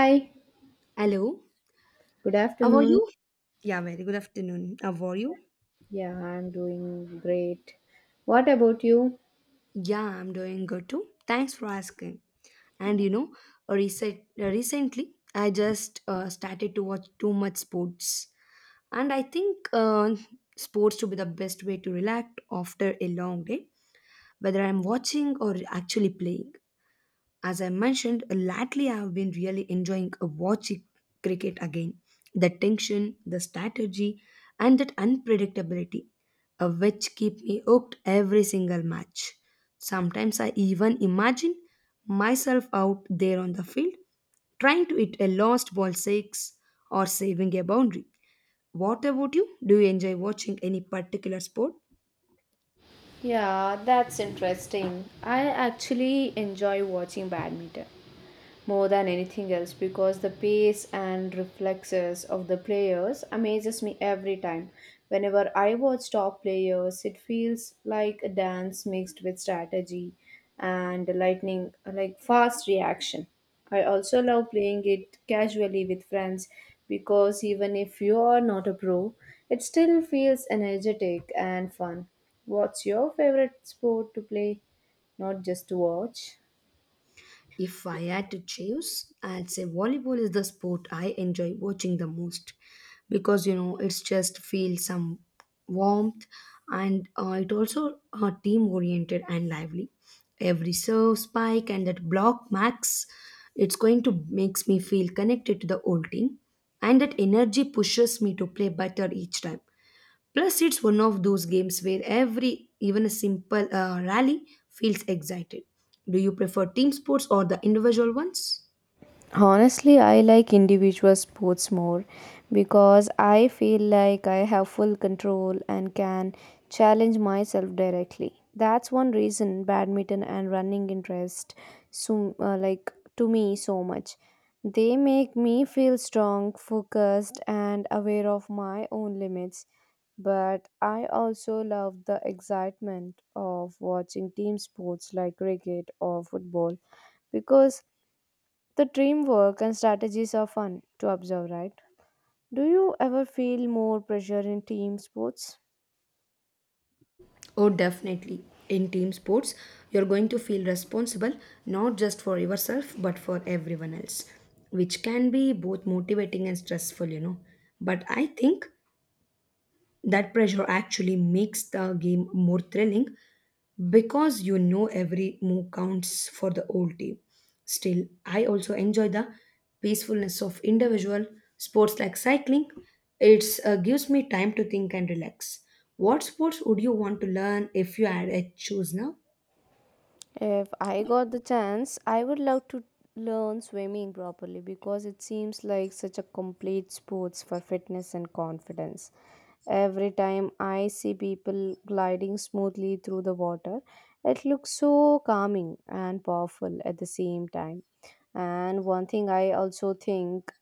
Hi, Hello, good how are afternoon. you? Yeah, very good afternoon. How are you? Yeah, I'm doing great. What about you? Yeah, I'm doing good too. Thanks for asking. And you know, recently I just started to watch too much sports, and I think sports to be the best way to relax after a long day, whether I'm watching or actually playing. As I mentioned, lately I have been really enjoying watching cricket again. The tension, the strategy, and that unpredictability, which keep me hooked every single match. Sometimes I even imagine myself out there on the field trying to hit a lost ball six or saving a boundary. What about you? Do you enjoy watching any particular sport? Yeah, that's interesting. I actually enjoy watching badminton, more than anything else because the pace and reflexes of the players amazes me every time. Whenever I watch top players, it feels like a dance mixed with strategy and lightning, like fast reaction. I also love playing it casually with friends because even if you are not a pro, it still feels energetic and fun. What's your favorite sport to play, not just to watch? If I had to choose, I'd say volleyball is the sport I enjoy watching the most because you know it's just feel some warmth and it also team oriented and lively. Every serve, spike, and that block max, it's going to makes me feel connected to the old team, and that energy pushes me to play better each time. Plus, it's one of those games where every, even a simple rally, feels excited. Do you prefer team sports or the individual ones? Honestly, I like individual sports more because I feel like I have full control and can challenge myself directly. That's one reason badminton and running interest so to me so much. They make me feel strong, focused and aware of my own limits. But I also love the excitement of watching team sports like cricket or football because the teamwork and strategies are fun to observe, right? Do you ever feel more pressure in team sports? Oh, definitely. In team sports, you're going to feel responsible not just for yourself but for everyone else, which can be both motivating and stressful, you know. But I think that pressure actually makes the game more thrilling because you know every move counts for the whole team. Still, I also enjoy the peacefulness of individual sports like cycling. It gives me time to think and relax. What sports would you want to learn if you had a choose now? If I got the chance, I would love to learn swimming properly because it seems like such a complete sports for fitness and confidence. Every time I see people gliding smoothly through the water, it looks so calming and powerful at the same time. And one thing I also think,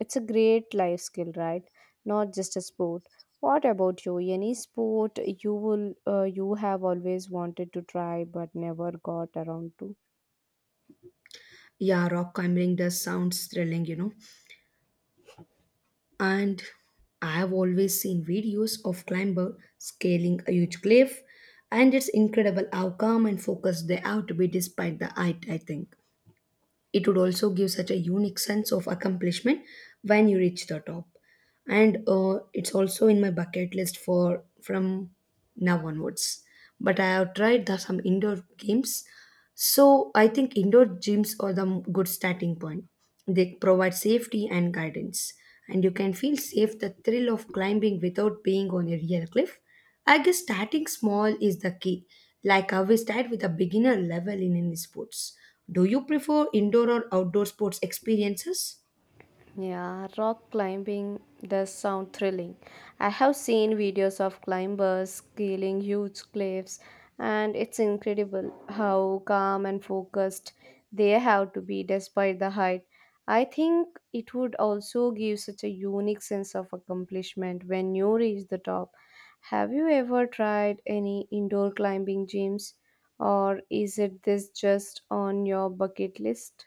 it's a great life skill, right? Not just a sport. What about you? Any sport you will you have always wanted to try but never got around to? Yeah, rock climbing does sounds thrilling, you know. And I have always seen videos of climber scaling a huge cliff, and it's incredible how calm and focused they have to be despite the height. I think it would also give such a unique sense of accomplishment when you reach the top. And it's also in my bucket list for from now onwards. But I have tried the, some indoor games so I think indoor gyms are the good starting point. They provide safety and guidance, and you can feel safe the thrill of climbing without being on a real cliff. I guess starting small is the key. Like how we start with a beginner level in any sports. Do you prefer indoor or outdoor sports experiences? Yeah, rock climbing does sound thrilling. I have seen videos of climbers scaling huge cliffs, and it's incredible how calm and focused they have to be despite the height. I think it would also give such a unique sense of accomplishment when you reach the top. Have you ever tried any indoor climbing gyms, or is it this just on your bucket list?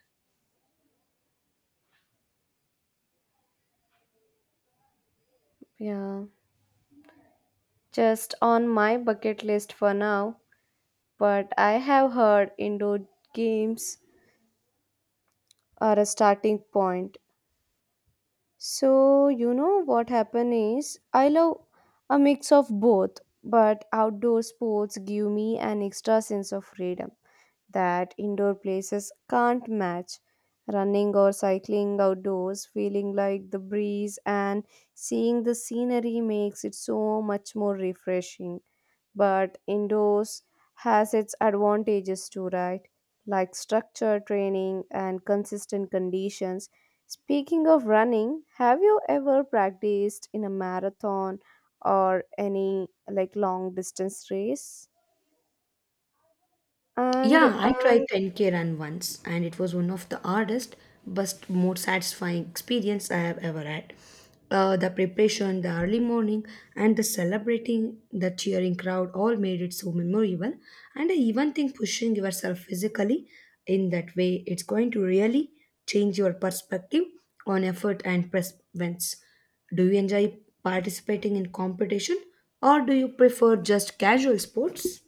Yeah. Just on my bucket list for now, but I have heard indoor games are a starting point. So, you know what happen is I love a mix of both, but outdoor sports give me an extra sense of freedom that indoor places can't match. Running or cycling outdoors, feeling like the breeze and seeing the scenery makes it so much more refreshing. But indoors has its advantages too, right? Like structure training and consistent conditions. Speaking of running, have you ever practiced in a marathon or any like long distance race? Yeah, And I tried 10K run once and it was one of the hardest but more satisfying experience I have ever had. The preparation, the early morning, and the celebrating the cheering crowd all made it so memorable. And I even think pushing yourself physically in that way it's going to really change your perspective on effort and perseverance. Do you enjoy participating in competition or do you prefer just casual sports?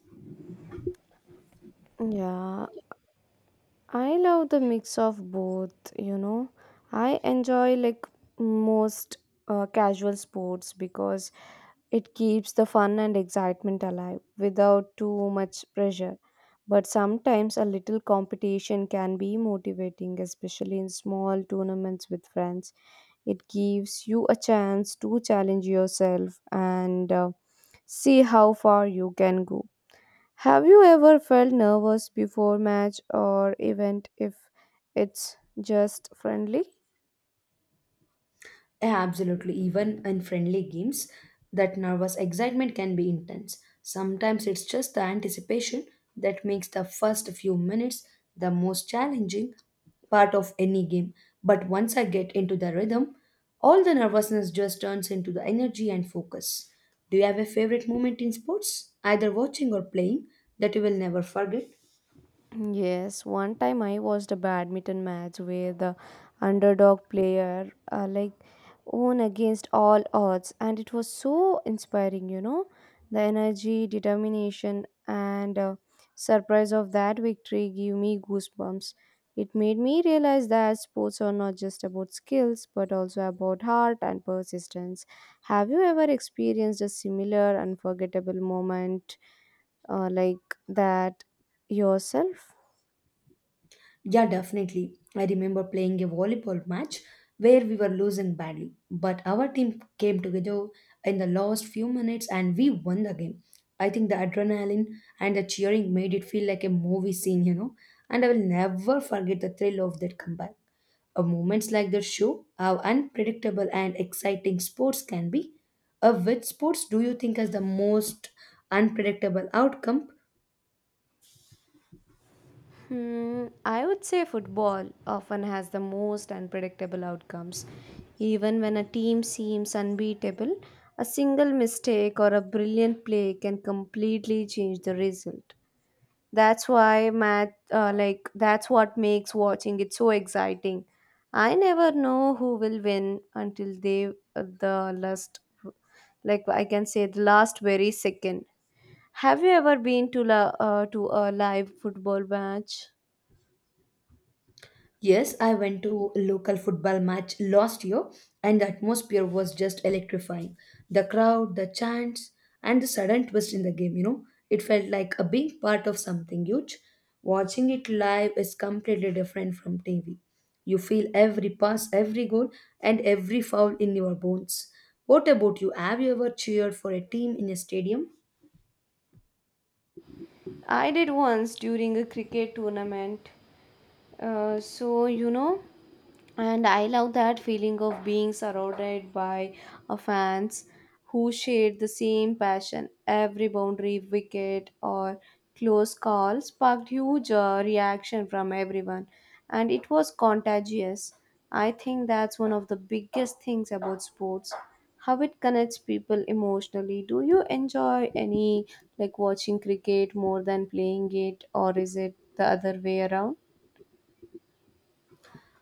yeah, I love the mix of both, you know. I enjoy like most casual sports because it keeps the fun and excitement alive without too much pressure. But sometimes a little competition can be motivating, especially in small tournaments with friends. It gives you a chance to challenge yourself and see how far you can go. Have you ever felt nervous before match or event if it's just friendly? Yeah, absolutely. Even in friendly games, that nervous excitement can be intense. Sometimes it's just the anticipation that makes the first few minutes the most challenging part of any game. But once I get into the rhythm, all the nervousness just turns into the energy and focus. Do you have a favorite moment in sports, either watching or playing, that you will never forget? Yes, one time I watched a badminton match where the underdog player won against all odds, and it was so inspiring, you know, the energy, determination, and surprise of that victory give me goosebumps. It made me realize that sports are not just about skills but also about heart and persistence. Have you ever experienced a similar unforgettable moment uh, like that yourself? Yeah, definitely. I remember playing a volleyball match where we were losing badly, but our team came together in the last few minutes and we won the game. I think the adrenaline and the cheering made it feel like a movie scene, you know, and I will never forget the thrill of that comeback. Moments like that show how unpredictable and exciting sports can be. Which sports do you think has the most unpredictable outcome? Hmm, I would say football often has the most unpredictable outcomes. Even when a team seems unbeatable, a single mistake or a brilliant play can completely change the result. That's why math, like that's what makes watching it so exciting. I never know who will win until the last, like I can say the last very second. Have you ever been to to a live football match? Yes, I went to a local football match last year and the atmosphere was just electrifying. The crowd, the chants, and the sudden twist in the game, you know, it felt like a being part of something huge. Watching it live is completely different from TV. You feel every pass, every goal, and every foul in your bones. What about you? Have you ever cheered for a team in a stadium? I did once during a cricket tournament. So, you know, and I love that feeling of being surrounded by a fans who shared the same passion. Every boundary, wicket, or close call sparked huge reaction from everyone, and it was contagious. I think that's one of the biggest things about sports, how it connects people emotionally. Do you enjoy any like watching cricket more than playing it, or is it the other way around?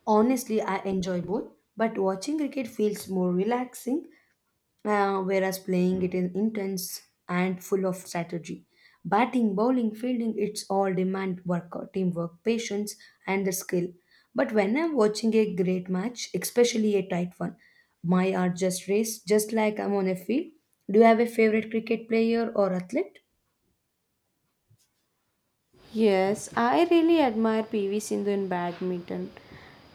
Honestly, I enjoy both, but watching cricket feels more relaxing whereas playing it is intense and full of strategy. Batting, bowling, fielding, it's all demand work, teamwork, patience, and the skill. But when I'm watching a great match, especially a tight one, my heart just race just like I'm on a field. Do you have a favorite cricket player or athlete? Yes, I really admire PV Sindhu in badminton.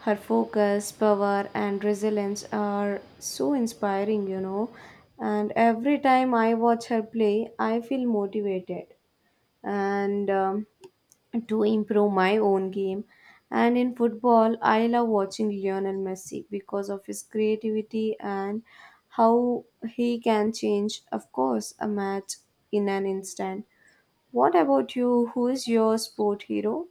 Her focus, power, and resilience are so inspiring, you know. And every time I watch her play, I feel motivated and to improve my own game. And in football, I love watching Lionel Messi because of his creativity and how he can change, of course, a match in an instant. What about you? Who is your sport hero?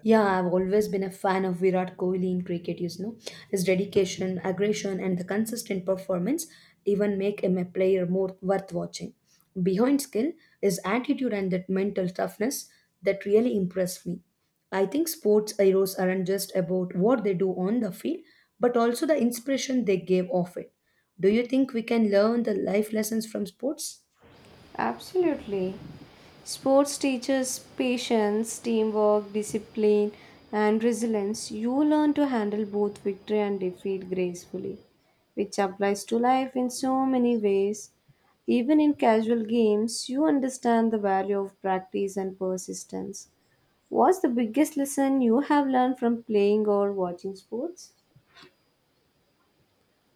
Yeah, I've always been a fan of Virat Kohli in cricket, you know. His dedication, aggression, and the consistent performance even make him a player more worth watching. Behind skill is attitude and that mental toughness that really impressed me. I think sports heroes aren't just about what they do on the field, but also the inspiration they gave off it. Do you think we can learn the life lessons from sports? Absolutely. Sports teaches patience, teamwork, discipline, and resilience. You learn to handle both victory and defeat gracefully, which applies to life in so many ways. Even in casual games, you understand the value of practice and persistence. What's the biggest lesson you have learned from playing or watching sports?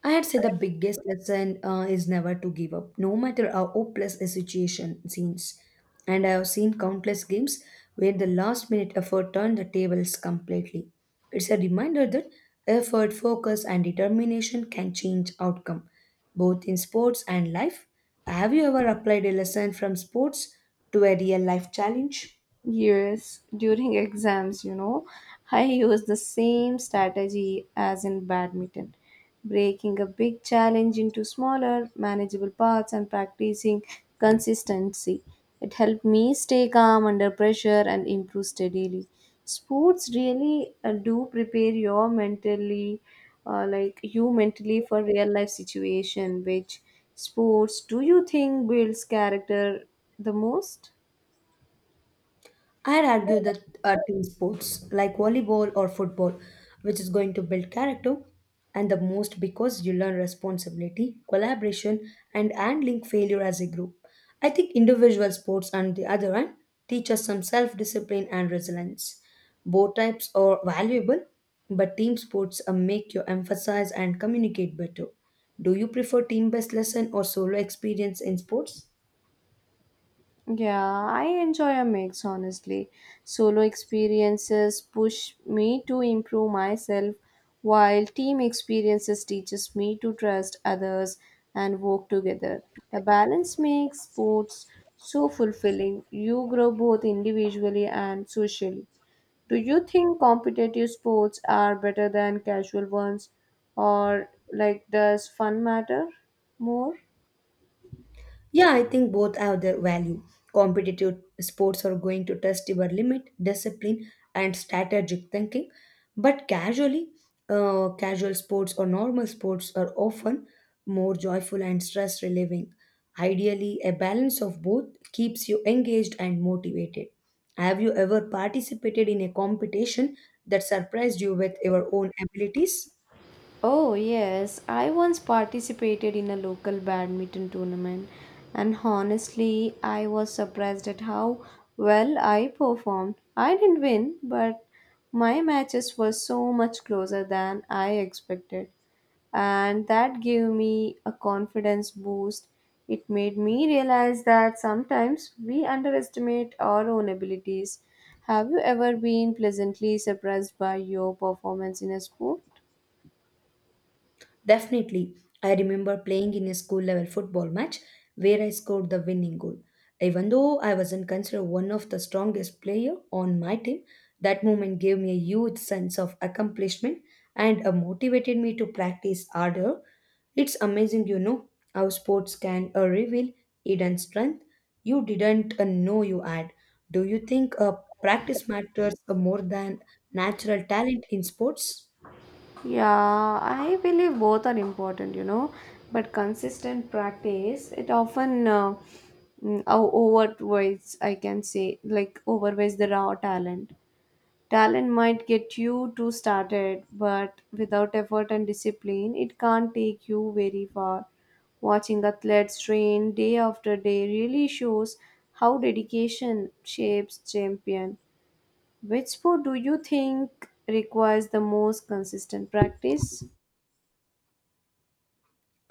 I had said the biggest lesson is never to give up, no matter how hopeless a situation seems. And I have seen countless games where the last minute effort turned the tables completely. It's a reminder that effort, focus, and determination can change outcome, both in sports and life. Have you ever applied a lesson from sports to a real life challenge? Yes, during exams, you know, I use the same strategy as in badminton, breaking a big challenge into smaller, manageable parts and practicing consistency. It helped me stay calm under pressure and improve steadily. Sports really do prepare your mentally, you mentally for real life situation. Which sports do you think builds character the most? I'd argue that team sports like volleyball or football, which is going to build character, and the most because you learn responsibility, collaboration, and handling failure as a group. I think individual sports, on the other hand, teach us some self discipline and resilience. Both types are valuable, but team sports make you emphasize and communicate better. Do you prefer team based lesson or solo experience in sports? Yeah, I enjoy a mix honestly. Solo experiences push me to improve myself, while team experiences teaches me to trust others and work together. The balance makes sports so fulfilling. You grow both individually and socially. Do you think competitive sports are better than casual ones, or like does fun matter more? Yeah, I think both have their value. Competitive sports are going to test your limit, discipline, and strategic thinking. But casual sports or normal sports are often more joyful and stress relieving. Ideally, a balance of both keeps you engaged and motivated. Have you ever participated in a competition that surprised you with your own abilities? Oh, yes. I once participated in a local badminton tournament, and honestly, I was surprised at how well I performed. I didn't win, but my matches were so much closer than I expected, and that gave me a confidence boost. It made me realize that sometimes we underestimate our own abilities. Have you ever been pleasantly surprised by your performance in a sport? Definitely, I remember playing in a school level football match where I scored the winning goal. Even though I wasn't considered one of the strongest player on my team, that moment gave me a huge sense of accomplishment and motivated me to practice harder. It's amazing, you know, how sports can reveal hidden strength you didn't know you had. Do you think practice matters more than natural talent in sports? Yeah, I believe both are important, you know, but consistent practice it often mm, o- overweights, I can say, like overweights the raw talent. Talent might get you to started, but without effort and discipline, it can't take you very far. Watching athletes train day after day really shows how dedication shapes champion. Which sport do you think requires the most consistent practice?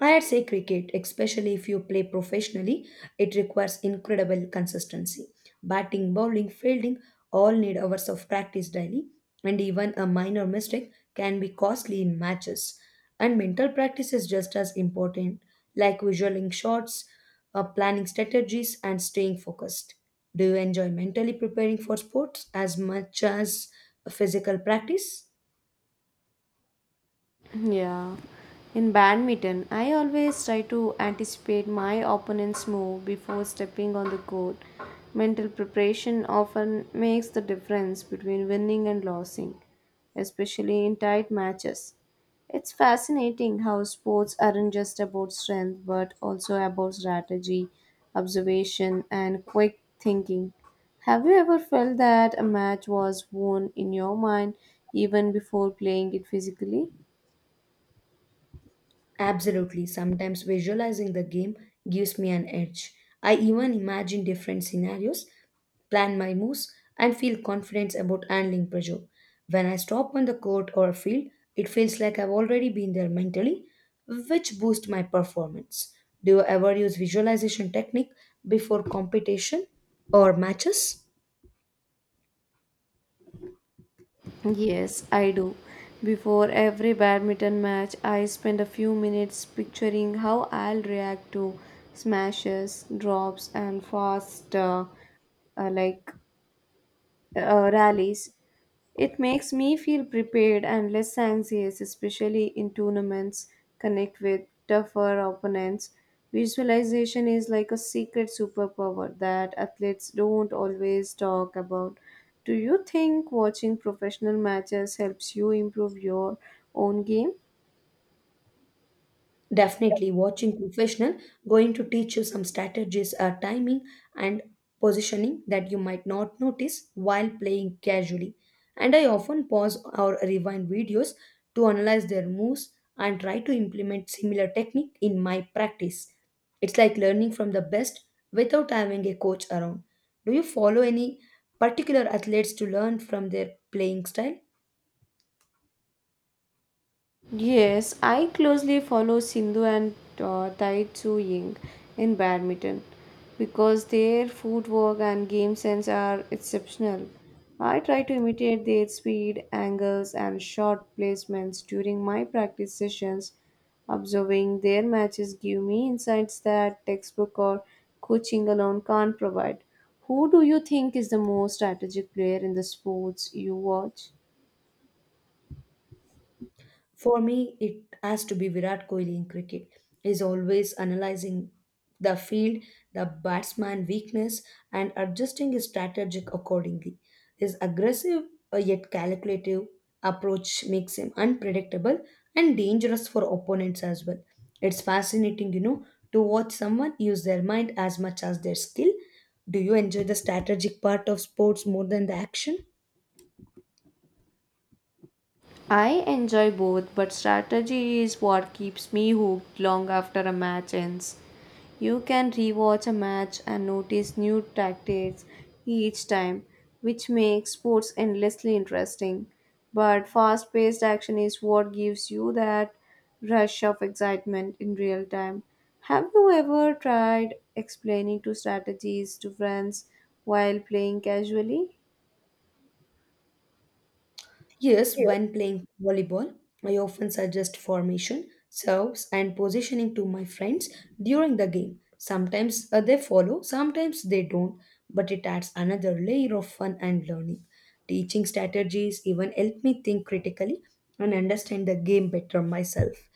I'd say cricket, especially if you play professionally, it requires incredible consistency. Batting, bowling, fielding all need hours of practice daily, and even a minor mistake can be costly in matches. And mental practice is just as important, like visualing shots, planning strategies, and staying focused. Do you enjoy mentally preparing for sports as much as physical practice? Yeah. In badminton, I always try to anticipate my opponent's move before stepping on the court. Mental preparation often makes the difference between winning and losing, especially in tight matches. It's fascinating how sports aren't just about strength but also about strategy, observation, and quick thinking. Have you ever felt that a match was won in your mind even before playing it physically? Absolutely. Sometimes visualizing the game gives me an edge. I even imagine different scenarios, plan my moves, and feel confidence about handling pressure. When I stop on the court or field, it feels like I've already been there mentally, which boosts my performance. Do you ever use visualization technique before competition or matches? Yes, I do. Before every badminton match, I spend a few minutes picturing how I'll react to smashes, drops, and fast uh, like rallies. It makes me feel prepared and less anxious, especially in tournaments, connect with tougher opponents. Visualization is like a secret superpower that athletes don't always talk about. Do you think watching professional matches helps you improve your own game? Definitely, watching professional going to teach you some strategies, timing, and positioning that you might not notice while playing casually. And I often pause or rewind videos to analyze their moves and try to implement similar technique in my practice. It's like learning from the best without having a coach around. Do you follow any particular athletes to learn from their playing style? Yes, I closely follow Sindhu and Tai Tzu Ying in badminton because their footwork and game sense are exceptional. I try to imitate their speed, angles, and shot placements during my practice sessions. Observing their matches give me insights that textbook or coaching alone can't provide. Who do you think is the most strategic player in the sports you watch? For me, it has to be Virat Kohli in cricket. He's always analyzing the field, the batsman weakness, and adjusting his strategic accordingly. His aggressive yet calculative approach makes him unpredictable and dangerous for opponents as well. It's fascinating, you know, to watch someone use their mind as much as their skill. Do you enjoy the strategic part of sports more than the action? I enjoy both, but strategy is what keeps me hooked long after a match ends. You can rewatch a match and notice new tactics each time, which makes sports endlessly interesting. But fast paced action is what gives you that rush of excitement in real time. Have you ever tried explaining two strategies to friends while playing casually? Yes, when playing volleyball, I often suggest formation, serves, and positioning to my friends during the game. Sometimes they follow, sometimes they don't, but it adds another layer of fun and learning. Teaching strategies even help me think critically and understand the game better myself.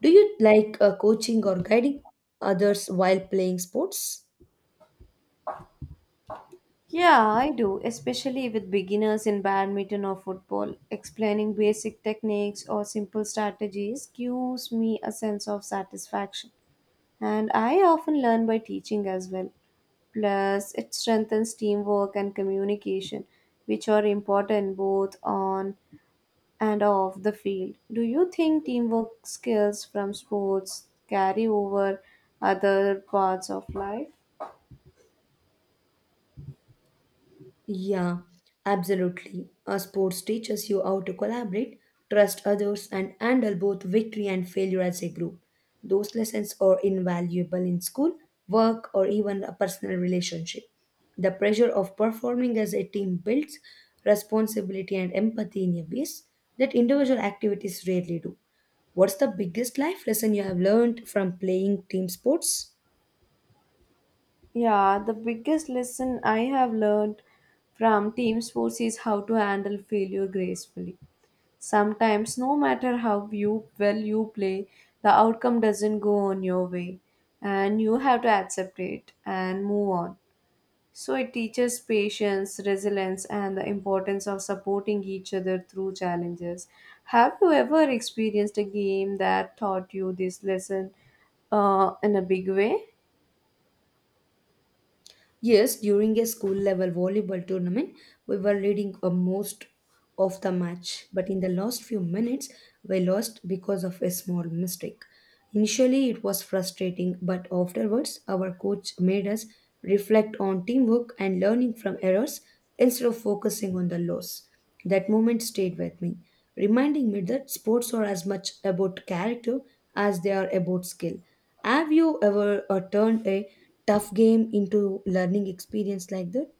Do you like coaching or guiding others while playing sports? Yeah, I do, especially with beginners in badminton or football. Explaining basic techniques or simple strategies gives me a sense of satisfaction. And I often learn by teaching as well. Plus, it strengthens teamwork and communication, which are important both on and off the field. Do you think teamwork skills from sports carry over other parts of life? Yeah, absolutely. Our sports teaches you how to collaborate, trust others, and handle both victory and failure as a group. Those lessons are invaluable in school, work, or even a personal relationship. The pressure of performing as a team builds responsibility and empathy in a ways that individual activities rarely do. What's the biggest life lesson you have learned from playing team sports? Yeah, the biggest lesson I have learned from team sports is how to handle failure gracefully. Sometimes, no matter how you well you play, the outcome doesn't go on your way, and you have to accept it and move on. So, it teaches patience, resilience, and the importance of supporting each other through challenges. Have you ever experienced a game that taught you this lesson in a big way? Yes, during a school level volleyball tournament, we were leading a most of the match, but in the last few minutes, we lost because of a small mistake. Initially, it was frustrating, but afterwards, our coach made us reflect on teamwork and learning from errors instead of focusing on the loss. That moment stayed with me, reminding me that sports are as much about character as they are about skill. Have you ever turned a tough game into learning experience like that?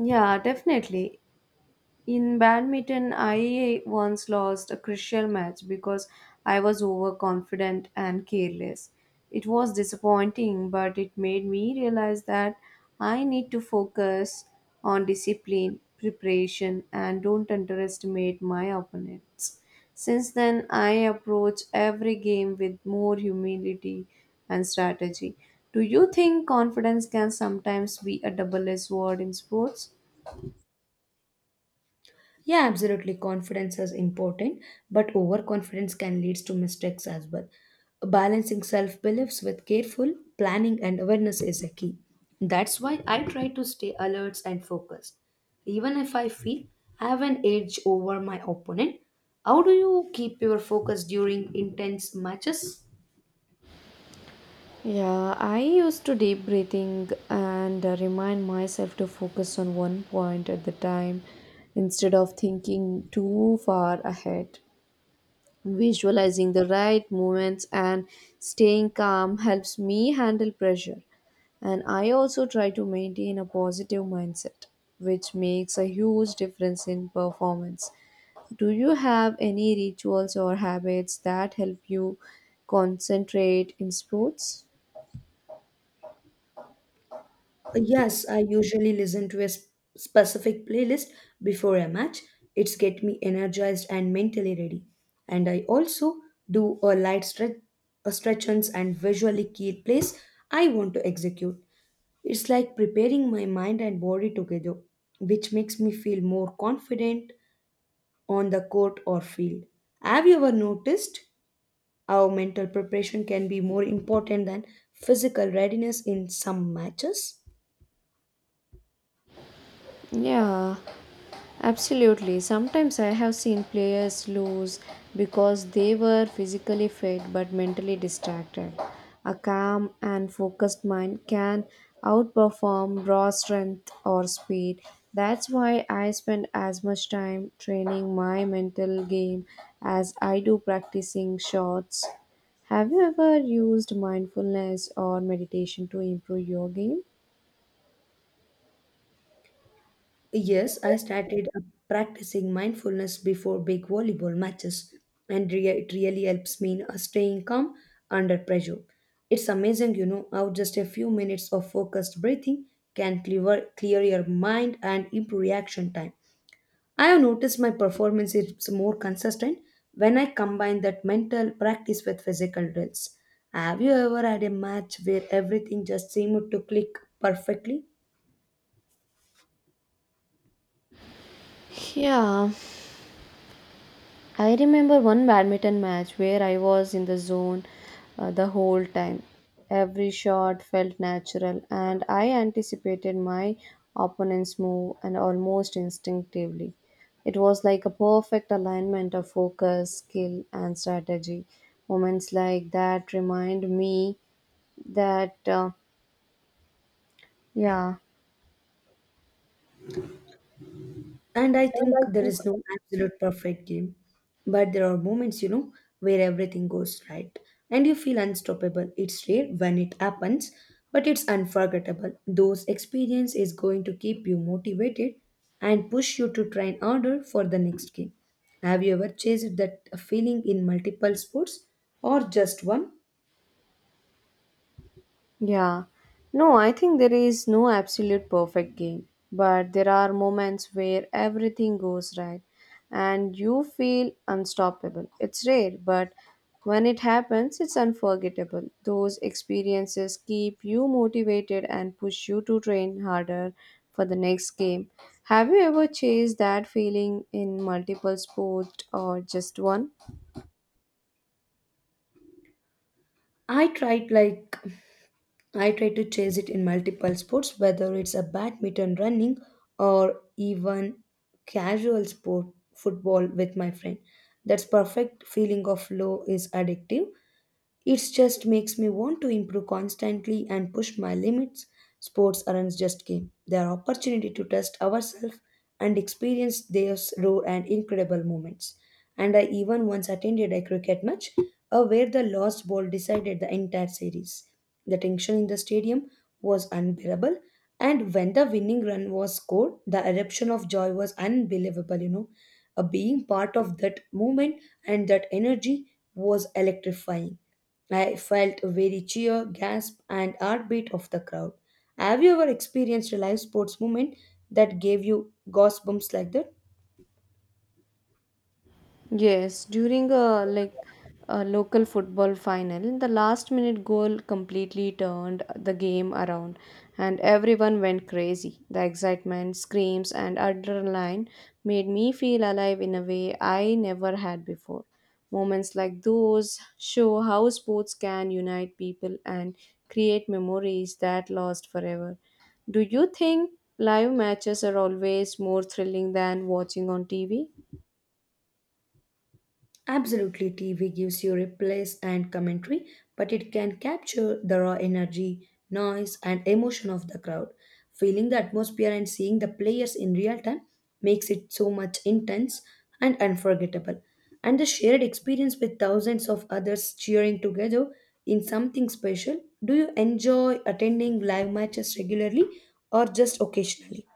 Yeah, definitely. In badminton, I once lost a crucial match because I was overconfident and careless. It was disappointing, but it made me realize that I need to focus on discipline, preparation, and don't underestimate my opponents. Since then, I approach every game with more humility and strategy. Do you think confidence can sometimes be a double edged sword in sports? Yeah, absolutely. Confidence is important, but overconfidence can lead to mistakes as well. Balancing self beliefs with careful planning and awareness is a key. That's why I try to stay alert and focused. Even if I feel I have an edge over my opponent, how do you keep your focus during intense matches? Yeah, I used to deep breathing and remind myself to focus on one point at the time instead of thinking too far ahead. Visualizing the right movements and staying calm helps me handle pressure. And I also try to maintain a positive mindset, which makes a huge difference in performance. Do you have any rituals or habits that help you concentrate in sports? Yes, I usually listen to a specific playlist before a match. It's get me energized and mentally ready. And I also do a light stretch, a stretchings and visually key plays I want to execute. It's like preparing my mind and body together, which makes me feel more confident on the court or field. Have you ever noticed how mental preparation can be more important than physical readiness in some matches? Yeah, absolutely. Sometimes I have seen players lose because they were physically fit but mentally distracted. A calm and focused mind can outperform raw strength or speed. That's why I spend as much time training my mental game as I do practicing shots. Have you ever used mindfulness or meditation to improve your game? Yes, I started practicing mindfulness before big volleyball matches, and it really helps me in staying calm under pressure. It's amazing, you know, how just a few minutes of focused breathing can clear your mind and improve reaction time. I have noticed my performance is more consistent when I combine that mental practice with physical drills. Have you ever had a match where everything just seemed to click perfectly? Yeah, I remember one badminton match where I was in the zone the whole time. Every shot felt natural, and I anticipated my opponent's move and almost instinctively. It was like a perfect alignment of focus, skill, and strategy. Moments like that remind me that, yeah, And I and think I there think is no absolute perfect game, but there are moments, you know, where everything goes right and you feel unstoppable. It's rare when it happens, but it's unforgettable. Those experience is going to keep you motivated and push you to train harder for the next game. Have you ever chased that feeling in multiple sports or just one? Yeah. No, I think there is no absolute perfect game, but there are moments where everything goes right and you feel unstoppable. It's rare, but when it happens, it's unforgettable. Those experiences keep you motivated and push you to train harder for the next game. Have you ever chased that feeling in multiple sports or just one? I tried like I try to chase it in multiple sports, whether it's a badminton, running, or even casual sport, football with my friend. That's perfect feeling of flow is addictive, it just makes me want to improve constantly and push my limits. Sports aren't just game; they are opportunity to test ourselves and experience their raw and incredible moments. And I even once attended a cricket match where the lost ball decided the entire series. The tension in the stadium was unbearable, and when the winning run was scored, the eruption of joy was unbelievable. You know, being part of that moment and that energy was electrifying. I felt a very cheer, gasp, and heartbeat of the crowd. Have you ever experienced a live sports moment that gave you goosebumps like that? Yes, during a local football final, the last minute goal completely turned the game around and everyone went crazy. The excitement, screams and adrenaline made me feel alive in a way I never had before. Moments like those show how sports can unite people and create memories that last forever. Do you think live matches are always more thrilling than watching on TV? Absolutely, TV gives you replays and commentary, but it can capture the raw energy, noise, and emotion of the crowd. Feeling the atmosphere and seeing the players in real time makes it so much intense and unforgettable. And the shared experience with thousands of others cheering together in something special. Do you enjoy attending live matches regularly or just occasionally?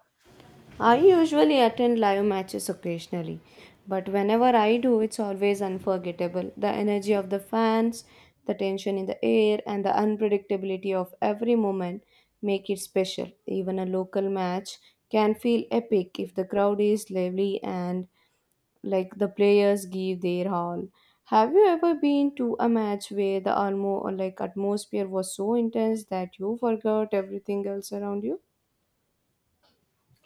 I usually attend live matches occasionally, but whenever I do, it's always unforgettable. The energy of the fans, the tension in the air, and the unpredictability of every moment make it special. Even a local match can feel epic if the crowd is lively and like the players give their all. Have you ever been to a match where the almo or like atmosphere was so intense that you forgot everything else around you?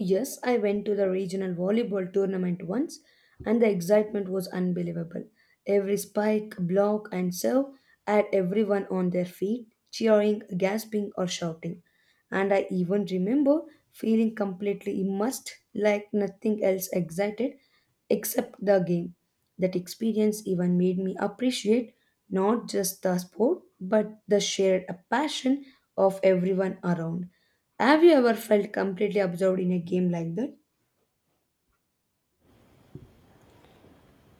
Yes, I went to the regional volleyball tournament once, and the excitement was unbelievable. Every spike, block, and serve had everyone on their feet, cheering, gasping, or shouting. And I even remember feeling completely immersed, like nothing else excited except the game. That experience even made me appreciate not just the sport, but the shared passion of everyone around. Have you ever felt completely absorbed in a game like that?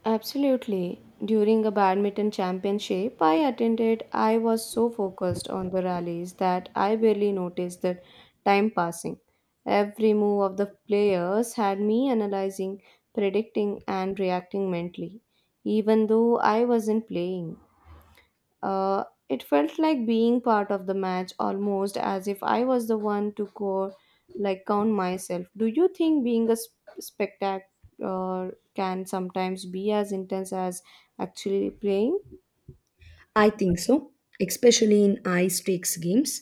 Absolutely. During a badminton championship I attended, I was so focused on the rallies that I barely noticed the time passing. Every move of the players had me analyzing, predicting, and reacting mentally, even though I wasn't playing. It felt like being part of the match, almost as if I was the one to go, like count myself. Do you think being a spectator can sometimes be as intense as actually playing? I think so, especially in high stakes games.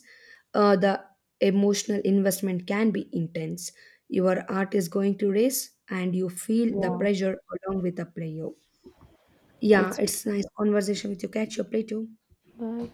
The emotional investment can be intense. Your heart is going to race and you feel the Yeah, pressure along with the player. Yeah, it's it's nice conversation with you. Catch your play too. bye.